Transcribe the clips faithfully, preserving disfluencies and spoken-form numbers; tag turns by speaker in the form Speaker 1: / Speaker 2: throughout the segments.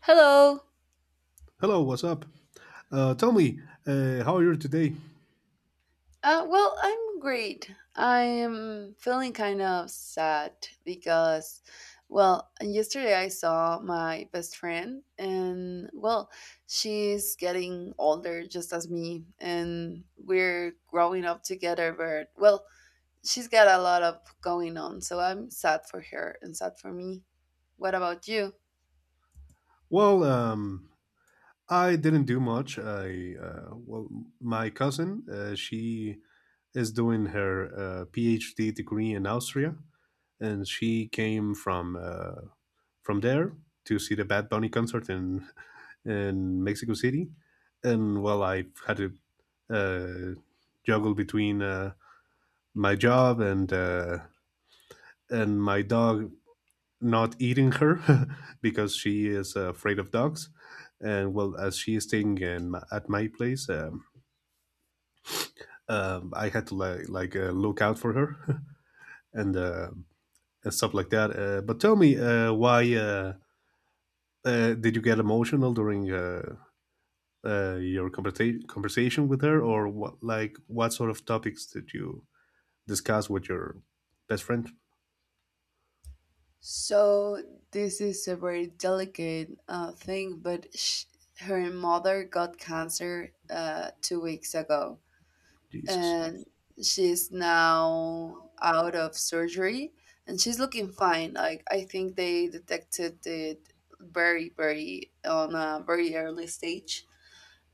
Speaker 1: Hello.
Speaker 2: Hello, what's up? Uh, tell me, uh, how are you today?
Speaker 1: Uh, well, I'm great. I am feeling kind of sad because, well, yesterday I saw my best friend, and well, she's getting older just as me, and we're growing up together. But, well, she's got a lot of going on, so I'm sad for her and sad for me. What about you?
Speaker 2: Well, um, I didn't do much. I uh, well, my cousin, uh, she is doing her uh, PhD degree in Austria, and she came from uh, from there to see the Bad Bunny concert in in Mexico City, and well, I had to uh, juggle between uh, my job and uh, and my dog not eating her because she is uh, afraid of dogs. And well, as she is staying in, at my place, um, um, I had to like, like uh, look out for her and, uh, and stuff like that. Uh, but tell me, uh, why uh, uh, did you get emotional during uh, uh, your conversa- conversation with her, or what? Like, what sort of topics did you discuss with your best friend?
Speaker 1: So this is a very delicate uh, thing, but sh her mother got cancer uh, two weeks ago,
Speaker 2: Jesus.
Speaker 1: and she's now out of surgery, and she's looking fine. Like I think they detected it very, very on a very early stage,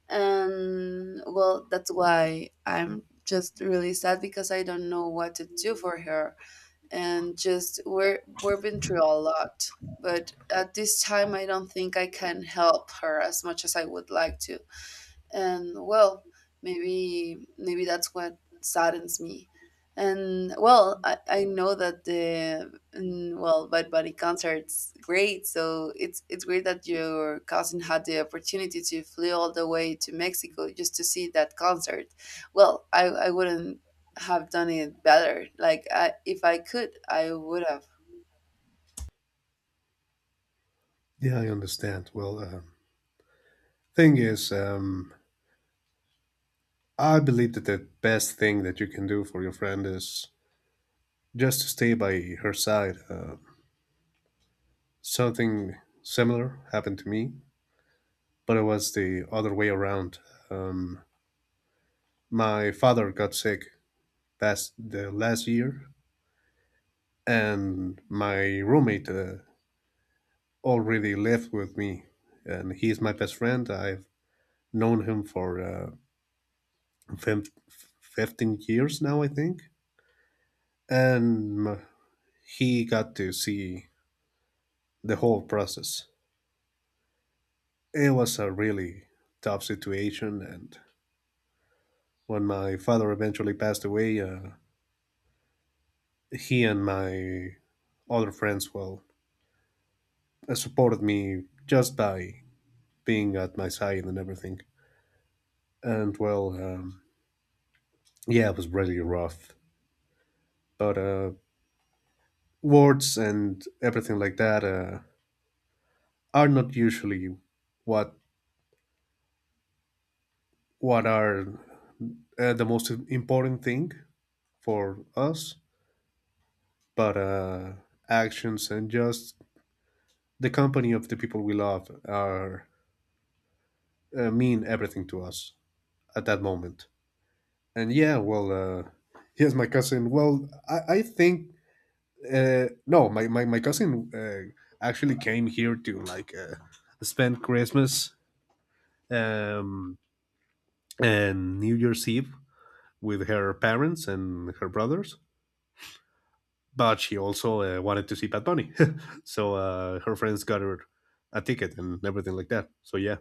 Speaker 1: and well, that's why I'm just really sad because I don't know what to do for her, and just we're we've been through a lot, but at this time I don't think I can help her as much as I would like to. And well, maybe maybe that's what saddens me. And well, i, I know that the mm, well, Bad Bunny concert's great, so it's it's great that your cousin had the opportunity to fly all the way to Mexico just to see that concert. Well, i i wouldn't have done it better. Like I, if I could, I would have.
Speaker 2: Yeah, I understand. Well, um thing is, um, I believe that the best thing that you can do for your friend is just to stay by her side. Uh, something similar happened to me, but it was the other way around. Um, my father got sick past the last year, and my roommate uh, already lived with me, and he's my best friend. I've known him for uh, fif- fifteen years now, I think, and he got to see the whole process. It was a really tough situation, and when my father eventually passed away, uh, he and my other friends, well, uh, supported me just by being at my side and everything. And well, um, yeah, it was really rough. But uh, words and everything like that uh, are not usually what what are uh, the most important thing for us, but uh, actions and just the company of the people we love are uh, mean everything to us at that moment. And yeah, well, uh, here's my cousin. Well, I, I think uh, no, my my my cousin uh, actually came here to like uh, spend Christmas um, and New Year's Eve with her parents and her brothers. But she also uh, wanted to see Pat Bunny, so uh, her friends got her a ticket and everything like that. So yeah,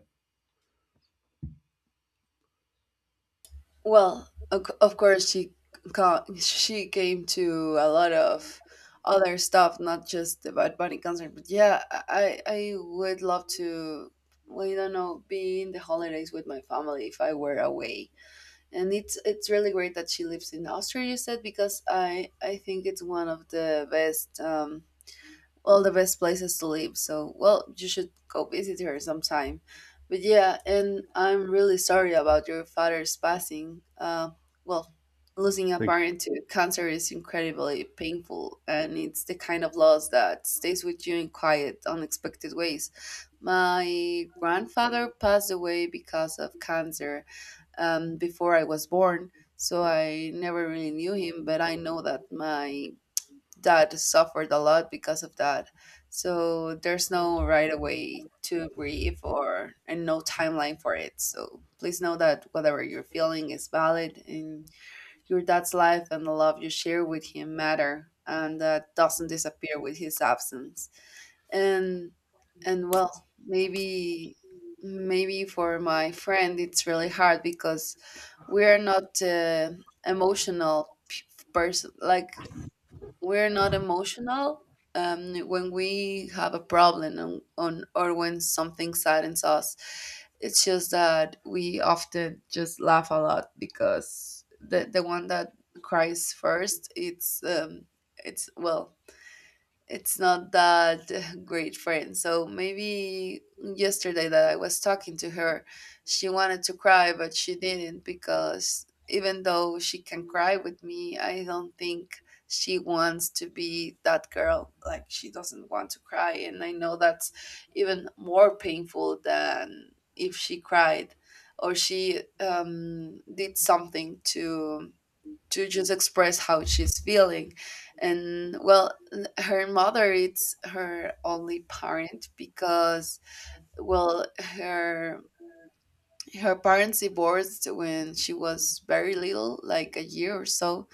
Speaker 1: Well, of c- of course she ca- she came to a lot of other stuff, not just the Bad Bunny concert. But yeah, I I would love to. Well, you don't know, be in the holidays with my family if I were away. And it's it's really great that she lives in Austria. You said, because I I think it's one of the best. Um, all the best places to live. So, well, you should go visit her sometime. But yeah, and I'm really sorry about your father's passing. Uh, well, Losing a
Speaker 2: thank you.
Speaker 1: parent to cancer is incredibly painful, and it's the kind of loss that stays with you in quiet, unexpected ways. My grandfather passed away because of cancer um, before I was born, so I never really knew him, but I know that my that suffered a lot because of that. So there's no right away to grieve, or and no timeline for it. So please know that whatever you're feeling is valid, and your dad's life and the love you share with him matter, and that doesn't disappear with his absence. And and well, maybe maybe for my friend it's really hard because we're not uh, emotional person, like we're not emotional um, when we have a problem on, on or when something saddens us. It's just that we often just laugh a lot because the the one that cries first, it's um, it's, well, it's not that great friend. So maybe yesterday that I was talking to her, she wanted to cry, but she didn't, because even though she can cry with me, I don't think she wants to be that girl. Like she doesn't want to cry. And I know that's even more painful than if she cried or she um, did something to to just express how she's feeling. And well, n- her mother is her only parent because well her her parents divorced when she was very little, like a year or so.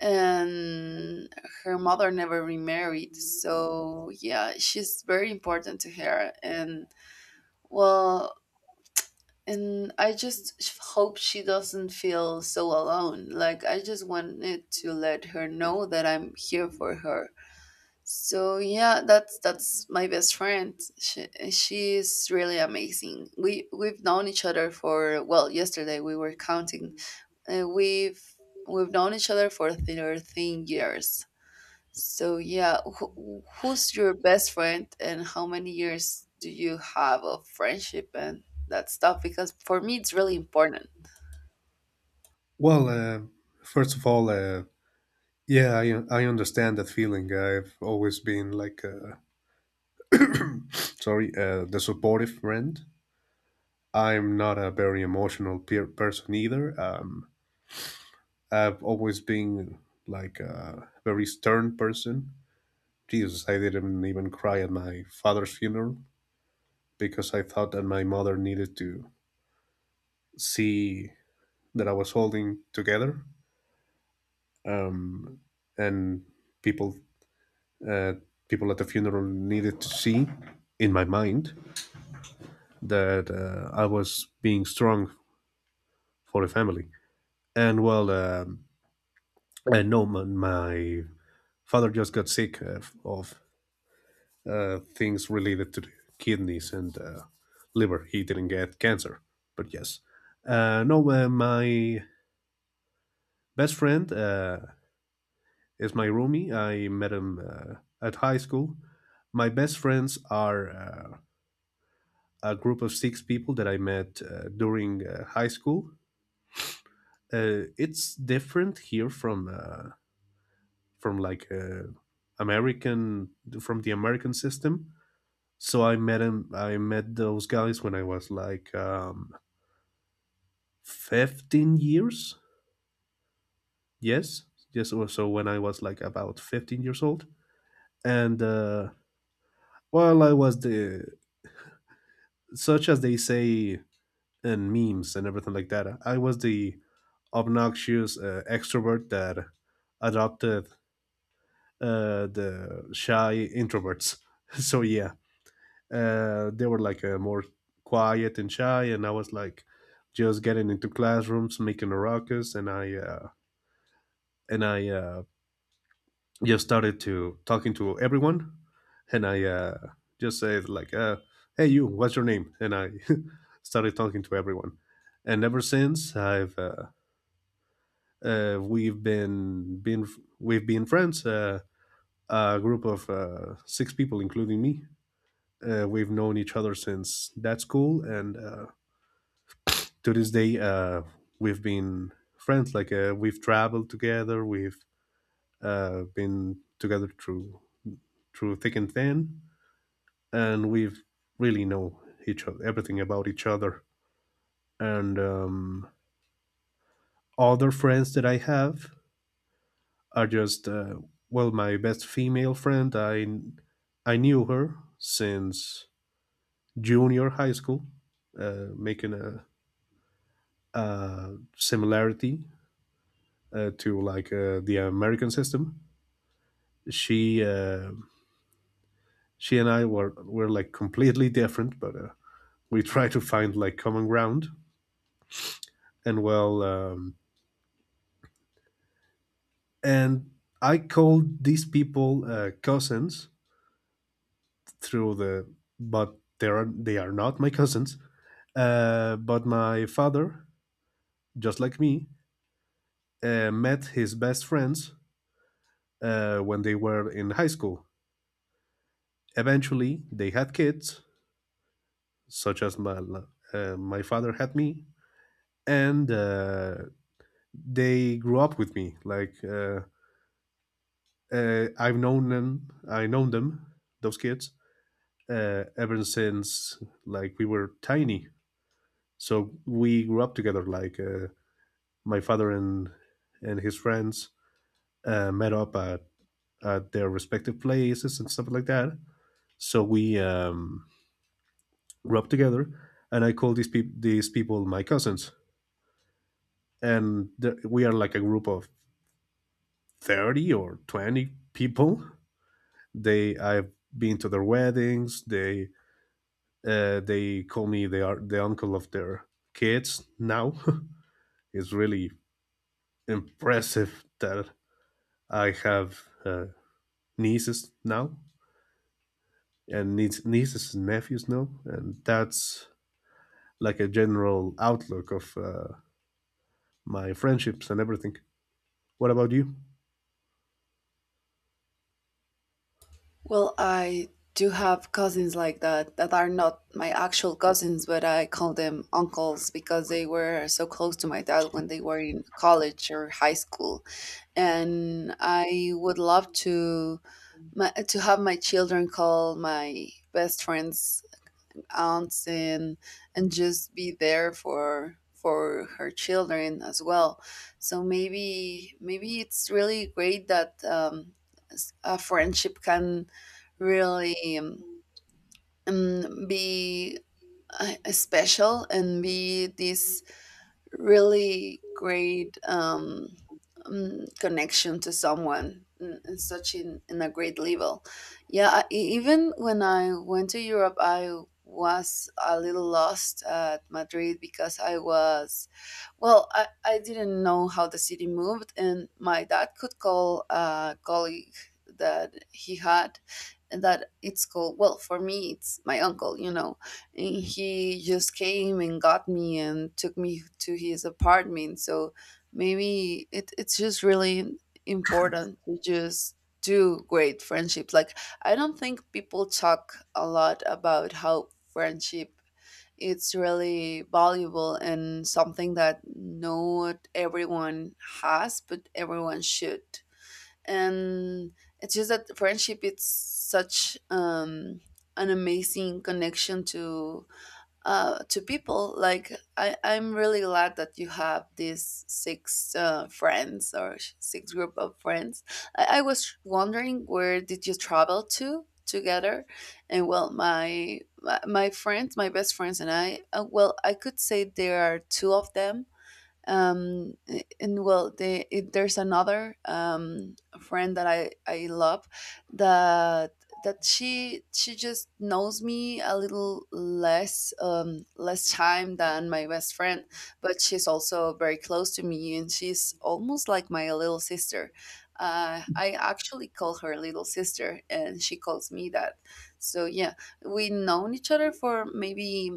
Speaker 1: And her mother never remarried, so yeah, she's very important to her. And well, and I just sh- hope she doesn't feel so alone. Like, I just wanted to let her know that I'm here for her. So yeah, that's that's my best friend. She she's really amazing. We we've known each other for, well, yesterday we were counting. Uh, we've we've known each other for thirteen years. So yeah, who, who's your best friend, and how many years do you have of friendship and that stuff? Because for me, it's really important.
Speaker 2: Well, uh, first of all, uh, yeah, I I understand that feeling. I've always been like, uh, sorry, uh, the supportive friend. I'm not a very emotional peer person either. Um, I've always been like a very stern person. Jesus, I didn't even cry at my father's funeral because I thought that my mother needed to see that I was holding together. Um, and people, uh, people at the funeral needed to see in my mind that uh, I was being strong for the family. And well, um, and no, my, my father just got sick uh, of uh, things related to the kidneys and uh, liver. He didn't get cancer, but yes. Uh, no, uh, My best friend uh, is my roomie. I met him uh, at high school. My best friends are uh, a group of six people that I met uh, during uh, high school. Uh, it's different here from uh, from like uh, American from the American system. So I met him. I met those guys when I was like um, fifteen years. Yes, yes. Or so when I was like about fifteen years old, and uh, well, I was the such as they say in memes and everything like that. I was the obnoxious uh, extrovert that adopted uh, the shy introverts. So yeah, uh, they were like uh, more quiet and shy, and I was like just getting into classrooms, making a ruckus, and I uh, and I uh, just started to talking to everyone, and I uh, just said like, uh, "Hey, you, what's your name?" And I started talking to everyone, and ever since I've uh, uh, we've been been we've been friends. Uh, a group of uh, six people, including me. Uh, we've known each other since that school, and uh, to this day uh, we've been friends like uh, we've traveled together. We've uh, been together through through thick and thin, and we've really know each other, everything about each other. And um, other friends that I have are just uh, well, my best female friend, i i knew her since junior high school, uh, making a, a similarity uh, to like uh, the American system. She uh, she and I were were like completely different, but uh, we try to find like common ground. And well, um, and I called these people uh, cousins through the, but they are they are not my cousins. Uh, but my father, just like me, uh, met his best friends uh, when they were in high school. Eventually, they had kids, such as my uh, my father had me, and uh, they grew up with me. Like uh, uh, I've known them, I known them, those kids, uh, ever since like we were tiny. So we grew up together. Like uh, my father and and his friends uh, met up at, at their respective places and stuff like that. So we um, grew up together, and I call these people these people my cousins. And th- we are like a group of thirty or twenty people. They, I've been to their weddings. They uh, they call me, they are the uncle of their kids now. It's really impressive that I have uh, nieces now and niece, nieces and nephews now, and that's like a general outlook of uh, my friendships and everything. What about you?
Speaker 1: Well, I do have cousins like that that are not my actual cousins, but I call them uncles because they were so close to my dad when they were in college or high school. And I would love to my, to have my children call my best friends aunts, and and just be there for for her children as well. So maybe maybe it's really great that um, s- a friendship can really um, um, be uh, special and be this really great um, um, connection to someone in, in such in, in a great level. Yeah, I, e- even when I went to Europe, I was a little lost at Madrid because I was, well, I, I didn't know how the city moved, and my dad could call a colleague that he had and that it's called, well, for me it's my uncle, you know. And he just came and got me and took me to his apartment. So maybe it, it's just really important to just do great friendships. Like, I don't think people talk a lot about how friendship it's really valuable and something that not everyone has but everyone should. And it's just that friendship it's such um an amazing connection to uh, to people. like I, I'm really glad that you have these six uh, friends or sh- six group of friends. I, I was wondering, where did you travel to together? And well my my my friends, my best friends and I uh, well, I could say there are two of them. um and well the, it, there's another um friend that i i love, that that she she just knows me a little less, um less time than my best friend, but she's also very close to me, and she's almost like my little sister. uh, I actually call her little sister, and she calls me that. So yeah, we've known each other for maybe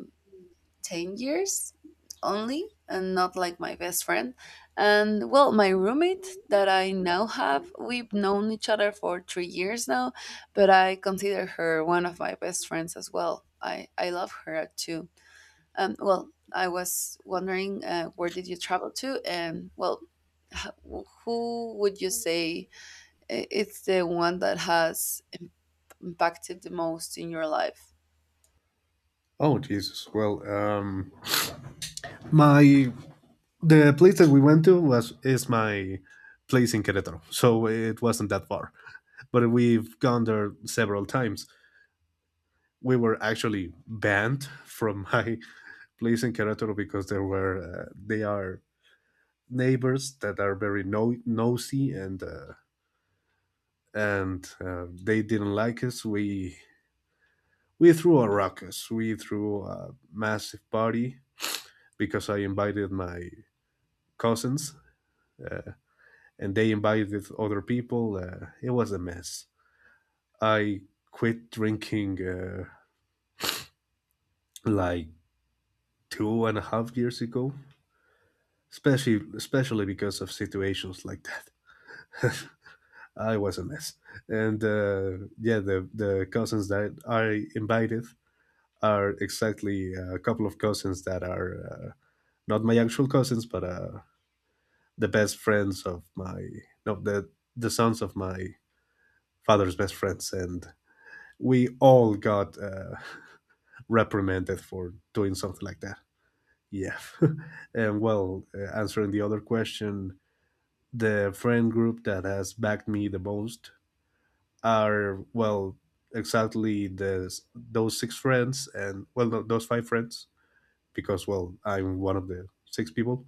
Speaker 1: ten years only, and not like my best friend. And well, my roommate that I now have, we've known each other for three years now, but I consider her one of my best friends as well. I i love her too. Um well, I was wondering, uh, where did you travel to? And well, h- who would you say i- it's the one that has im- impacted the most in your life?
Speaker 2: Oh Jesus! Well, um, my the place that we went to was is my place in Querétaro, so it wasn't that far. But we've gone there several times. We were actually banned from my place in Querétaro because there were uh, they are neighbors that are very no- nosy and uh, and uh, they didn't like us. We we threw a ruckus. We threw a massive party because I invited my cousins uh, and they invited other people. Uh, it was a mess. I quit drinking uh, like two and a half years ago, especially especially because of situations like that. I was a mess, and uh, yeah, the the cousins that I invited are exactly a couple of cousins that are uh, not my actual cousins, but uh, the best friends of my no the the sons of my father's best friends, and we all got uh, reprimanded for doing something like that. Yeah. And well, uh, answering the other question, the friend group that has backed me the most are, well, exactly the, those six friends and, well, no, those five friends, because, well, I'm one of the six people,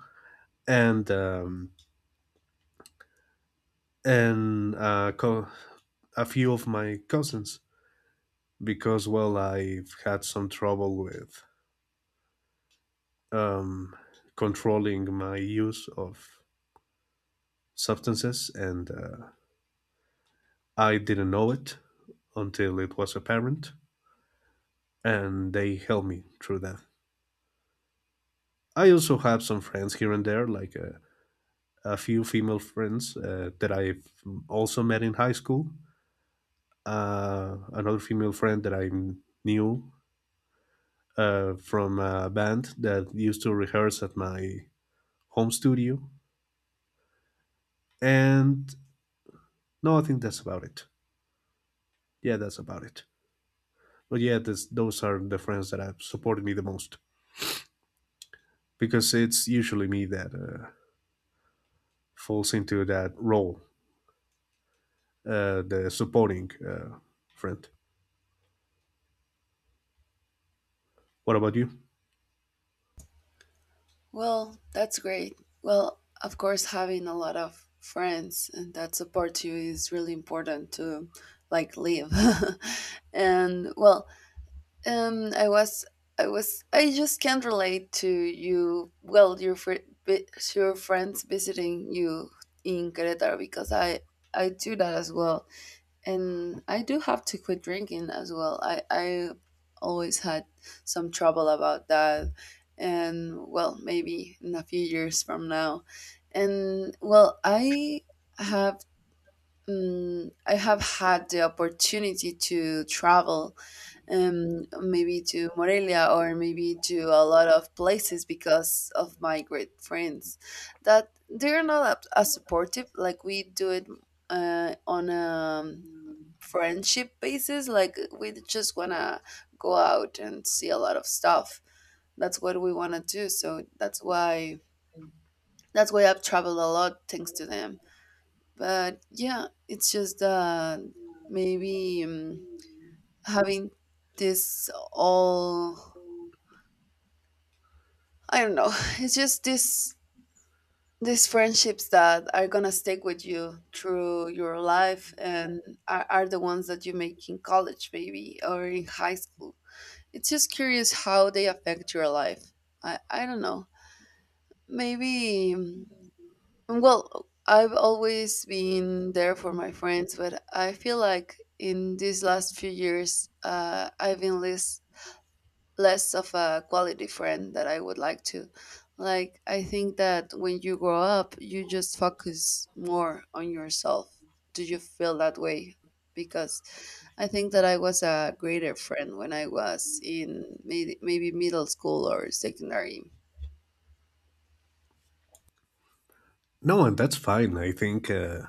Speaker 2: and, um, and uh, co- a few of my cousins, because, well, I've had some trouble with um, controlling my use of substances, and, uh, I didn't know it until it was apparent, and they helped me through that. I also have some friends here and there, like uh, a few female friends uh, that I've also met in high school. Uh, another female friend that I knew uh, from a band that used to rehearse at my home studio. And no, I think that's about it. Yeah, that's about it. But yeah, this, those are the friends that have supported me the most, because it's usually me that uh, falls into that role, uh, the supporting uh, friend. What about you?
Speaker 1: Well, that's great. Well, of course, having a lot of friends and that support you is really important to like live. And well, um, I was, I was, I just can't relate to you. Well, your fr- vi- your friends visiting you in Querétaro because I I do that as well, and I do have to quit drinking as well. I I always had some trouble about that, and well, maybe in a few years from now, and well, I have. Um, I have had the opportunity to travel, um, maybe to Morelia or maybe to a lot of places because of my great friends, that they're not as supportive. Like we do it uh, on a friendship basis. Like we just want to go out and see a lot of stuff. That's what we want to do, so that's why that's why I've traveled a lot thanks to them. But yeah, it's just that maybe um, having this all, I don't know. It's just this these friendships that are gonna stick with you through your life, and are, are the ones that you make in college maybe or in high school. It's just curious how they affect your life. I, I don't know. Maybe, mm, well, I've always been there for my friends, but I feel like in these last few years, uh, I've been less, less of a quality friend that I would like to. Like, I think that when you grow up, you just focus more on yourself. Do you feel that way? Because I think that I was a greater friend when I was in may- maybe middle school or secondary.
Speaker 2: No, and that's fine. I think uh,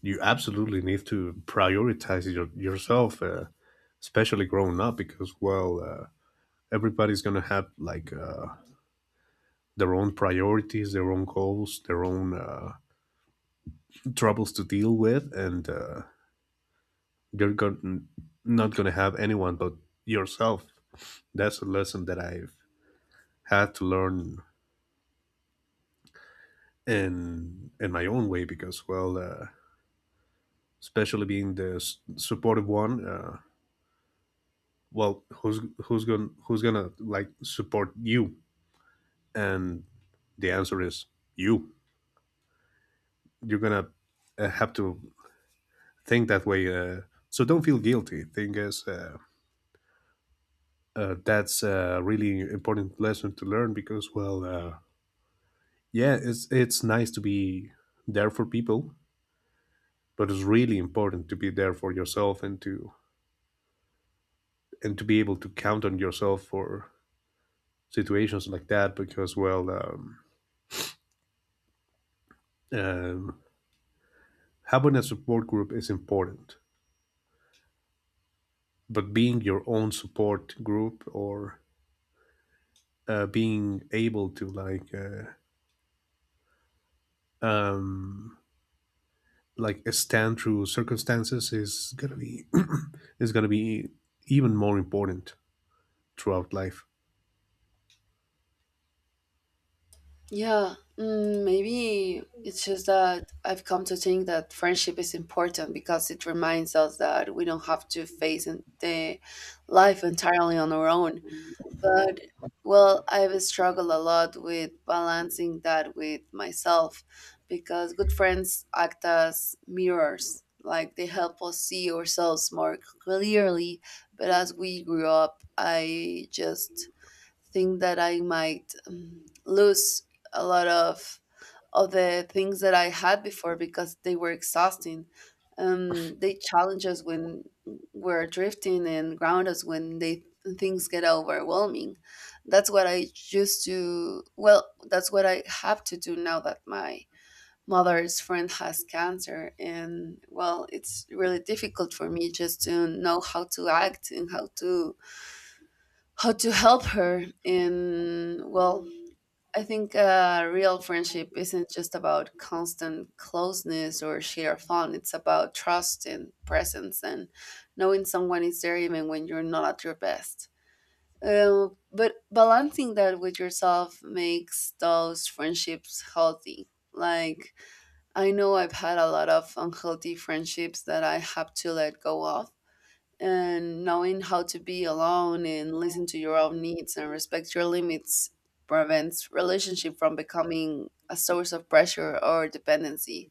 Speaker 2: you absolutely need to prioritize your, yourself, uh, especially growing up, because, well, uh, everybody's going to have like uh, their own priorities, their own goals, their own uh, troubles to deal with, and uh, you're going not going to have anyone but yourself. That's a lesson that I've had to learn In in my own way because well, uh, especially being the s- supportive one. Uh, well, who's who's gonna who's gonna like support you, and the answer is you. You're gonna uh, have to think that way, uh, so don't feel guilty. Thing is, uh, uh, that's a really important lesson to learn because well, uh, yeah, it's it's nice to be there for people, but it's really important to be there for yourself, and to and to be able to count on yourself for situations like that, because well, um, um, having a support group is important, but being your own support group or uh, being able to like uh, um, like stand through circumstances is gonna be is gonna be even more important throughout life.
Speaker 1: Yeah, mm, Maybe it's just that I've come to think that friendship is important because it reminds us that we don't have to face in- the life entirely on our own. But well, I've struggled a lot with balancing that with myself because good friends act as mirrors. Like they help us see ourselves more clearly. But as we grew up, I just think that I might um, lose a lot of of the things that I had before because they were exhausting. Um, they challenge us when we're drifting and ground us when they things get overwhelming. That's what I used to. Well, that's what I have to do now that my mother's friend has cancer, and well, it's really difficult for me just to know how to act and how to how to help her. And well, I think uh, real friendship isn't just about constant closeness or sheer fun. It's about trust and presence and knowing someone is there even when you're not at your best. Uh, but balancing that with yourself makes those friendships healthy. Like, I know I've had a lot of unhealthy friendships that I have to let go of, and knowing how to be alone and listen to your own needs and respect your limits prevents relationship from becoming a source of pressure or dependency.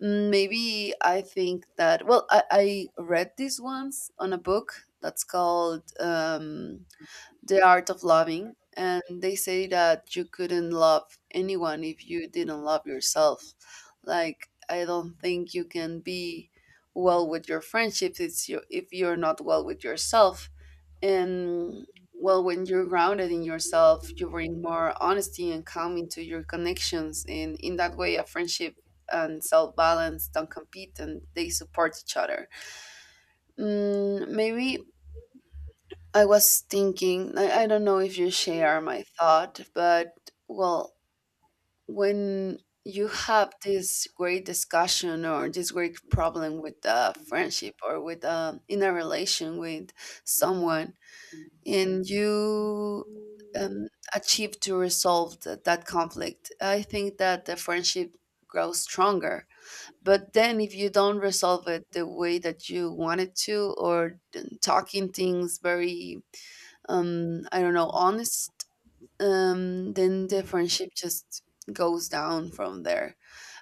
Speaker 1: Mm, maybe i think that, well, i, I read this once on a book that's called um, The Art of Loving, and they say that you couldn't love anyone if you didn't love yourself. Like I don't think you can be well with your friendships it's you if you're not well with yourself. And well, when you're grounded in yourself, you bring more honesty and calm into your connections, and in that way a friendship and self balance don't compete, and they support each other. Mm, maybe I was thinking, I, I don't know if you share my thought, but well, when you have this great discussion or this great problem with a friendship or with a, in a relation with someone, and you um, achieve to resolve that, that conflict, I think that the friendship grows stronger. But then if you don't resolve it the way that you wanted to, or th- talking things very um I don't know, honest, um then the friendship just goes down from there.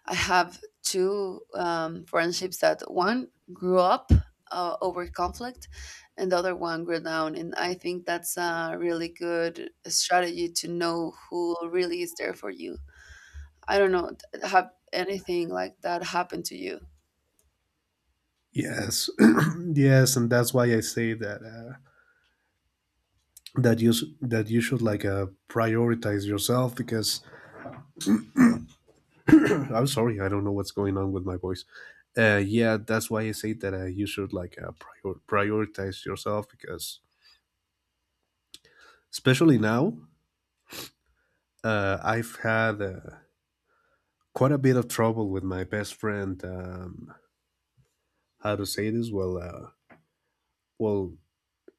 Speaker 1: I have two um friendships that one grew up uh, over conflict, and the other one grew down, and I think that's a really good strategy to know who really is there for you. I don't know, t- have anything like that happen to you?
Speaker 2: Yes. Yes, and that's why I say that uh, that you s- that you should like uh, prioritize yourself because, I'm sorry, I don't know what's going on with my voice. Uh, yeah, that's why I say that uh, you should like uh, prior- prioritize yourself because, especially now, uh, I've had uh, quite a bit of trouble with my best friend. Um, how to say this? Well, uh, well,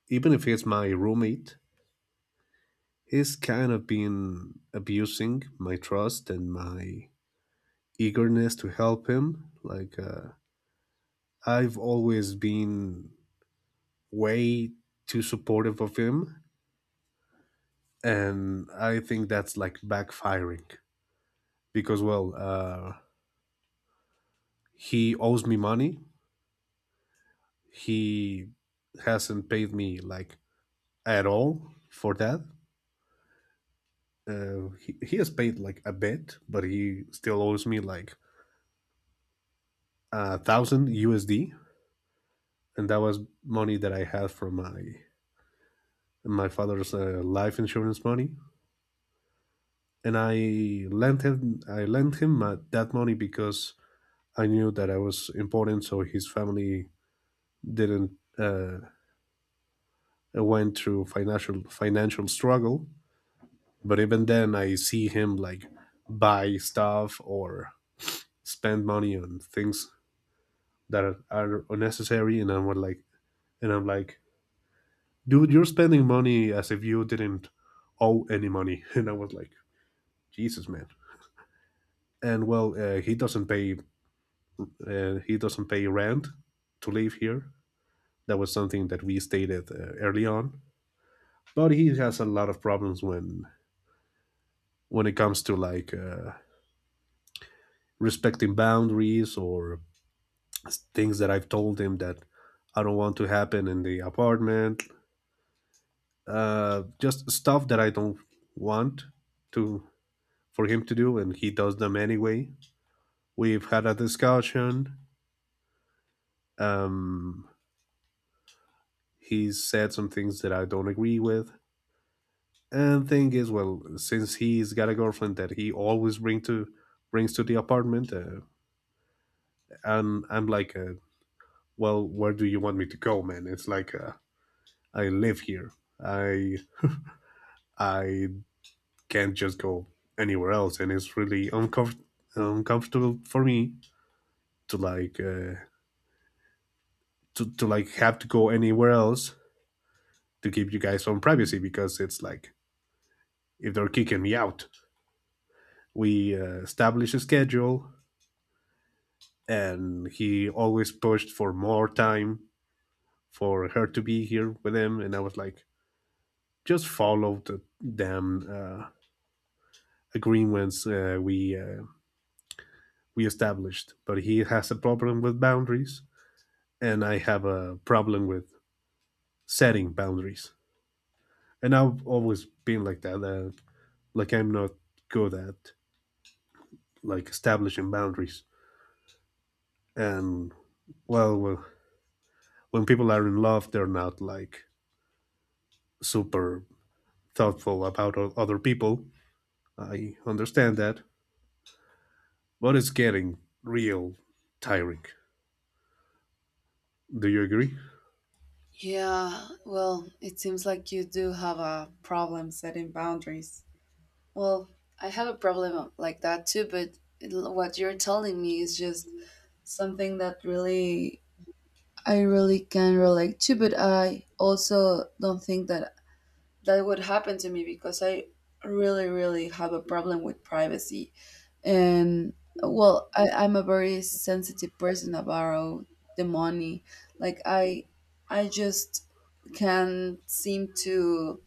Speaker 2: even if he's my roommate, he's kind of been abusing my trust and my eagerness to help him. Like uh, I've always been way too supportive of him, and I think that's like backfiring because well, uh, he owes me money. He hasn't paid me like at all for that. Uh, he, he has paid like a bit, but he still owes me like a thousand USD, and that was money that I had from my my father's uh, life insurance money. And I lent him I lent him uh, that money because I knew that I was important, so his family didn't uh, uh, went through financial financial struggle. But even then, I see him like buy stuff or spend money on things that are, are unnecessary, and I'm like, and I'm like, dude, you're spending money as if you didn't owe any money, and I was like, Jesus, man. And well, uh, he doesn't pay uh, he doesn't pay rent to live here. That was something that we stated uh, early on. But he has a lot of problems when when it comes to like uh, respecting boundaries or things that I've told him that I don't want to happen in the apartment. Uh, just stuff that I don't want to for him to do, and he does them anyway. We've had a discussion. Um, he's said some things that I don't agree with. And thing is, well, since he's got a girlfriend that he always bring to brings to the apartment, uh, and I'm like, uh, well, where do you want me to go, man? It's like. Uh, I live here. I I can't just go anywhere else, and it's really uncomfort- uncomfortable for me to like uh, to to like have to go anywhere else to give you guys some privacy, because it's like if they're kicking me out. We uh, established a schedule, and he always pushed for more time for her to be here with him, and I was like, just follow the damn uh, agreements uh, we uh, we established. But he has a problem with boundaries, and I have a problem with setting boundaries. And I've always been like that. Uh, like I'm not good at like establishing boundaries. And well, well, when people are in love, they're not like super thoughtful about other people. I understand that, but it's getting real tiring. Do you agree?
Speaker 1: Yeah, well, it seems like you do have a problem setting boundaries. Well, I have a problem like that too, but l- what you're telling me is just something that really I really can relate to, but I also don't think that that would happen to me because I really, really have a problem with privacy. And well, I, I'm a very sensitive person about the money. Like I I just can't seem to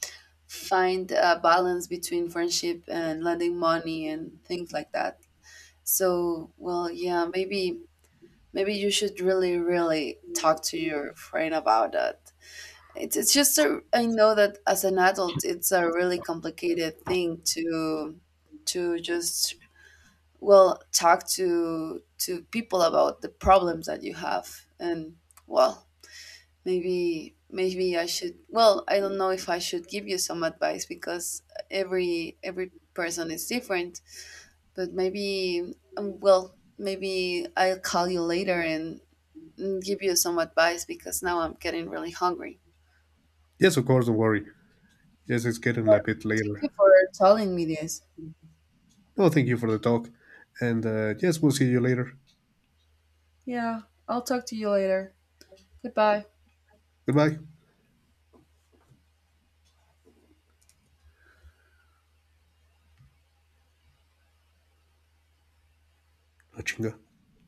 Speaker 1: find a balance between friendship and lending money and things like that. So, well, yeah, maybe maybe you should really really talk to your friend about that. It's it's just a, I know that as an adult, it's a really complicated thing to to just well talk to to people about the problems that you have. And well, Maybe maybe I should, well, I don't know if I should give you some advice because every every person is different, but maybe um, well, maybe I'll call you later, and, and give you some advice because now I'm getting really hungry.
Speaker 2: Yes, of course. Don't worry. Yes, it's getting a
Speaker 1: But
Speaker 2: bit
Speaker 1: thank
Speaker 2: later.
Speaker 1: you for telling me this.
Speaker 2: No, thank you for the talk. And uh, yes, we'll see you later.
Speaker 1: Yeah, I'll talk to you later. Goodbye.
Speaker 2: Goodbye. Achinga.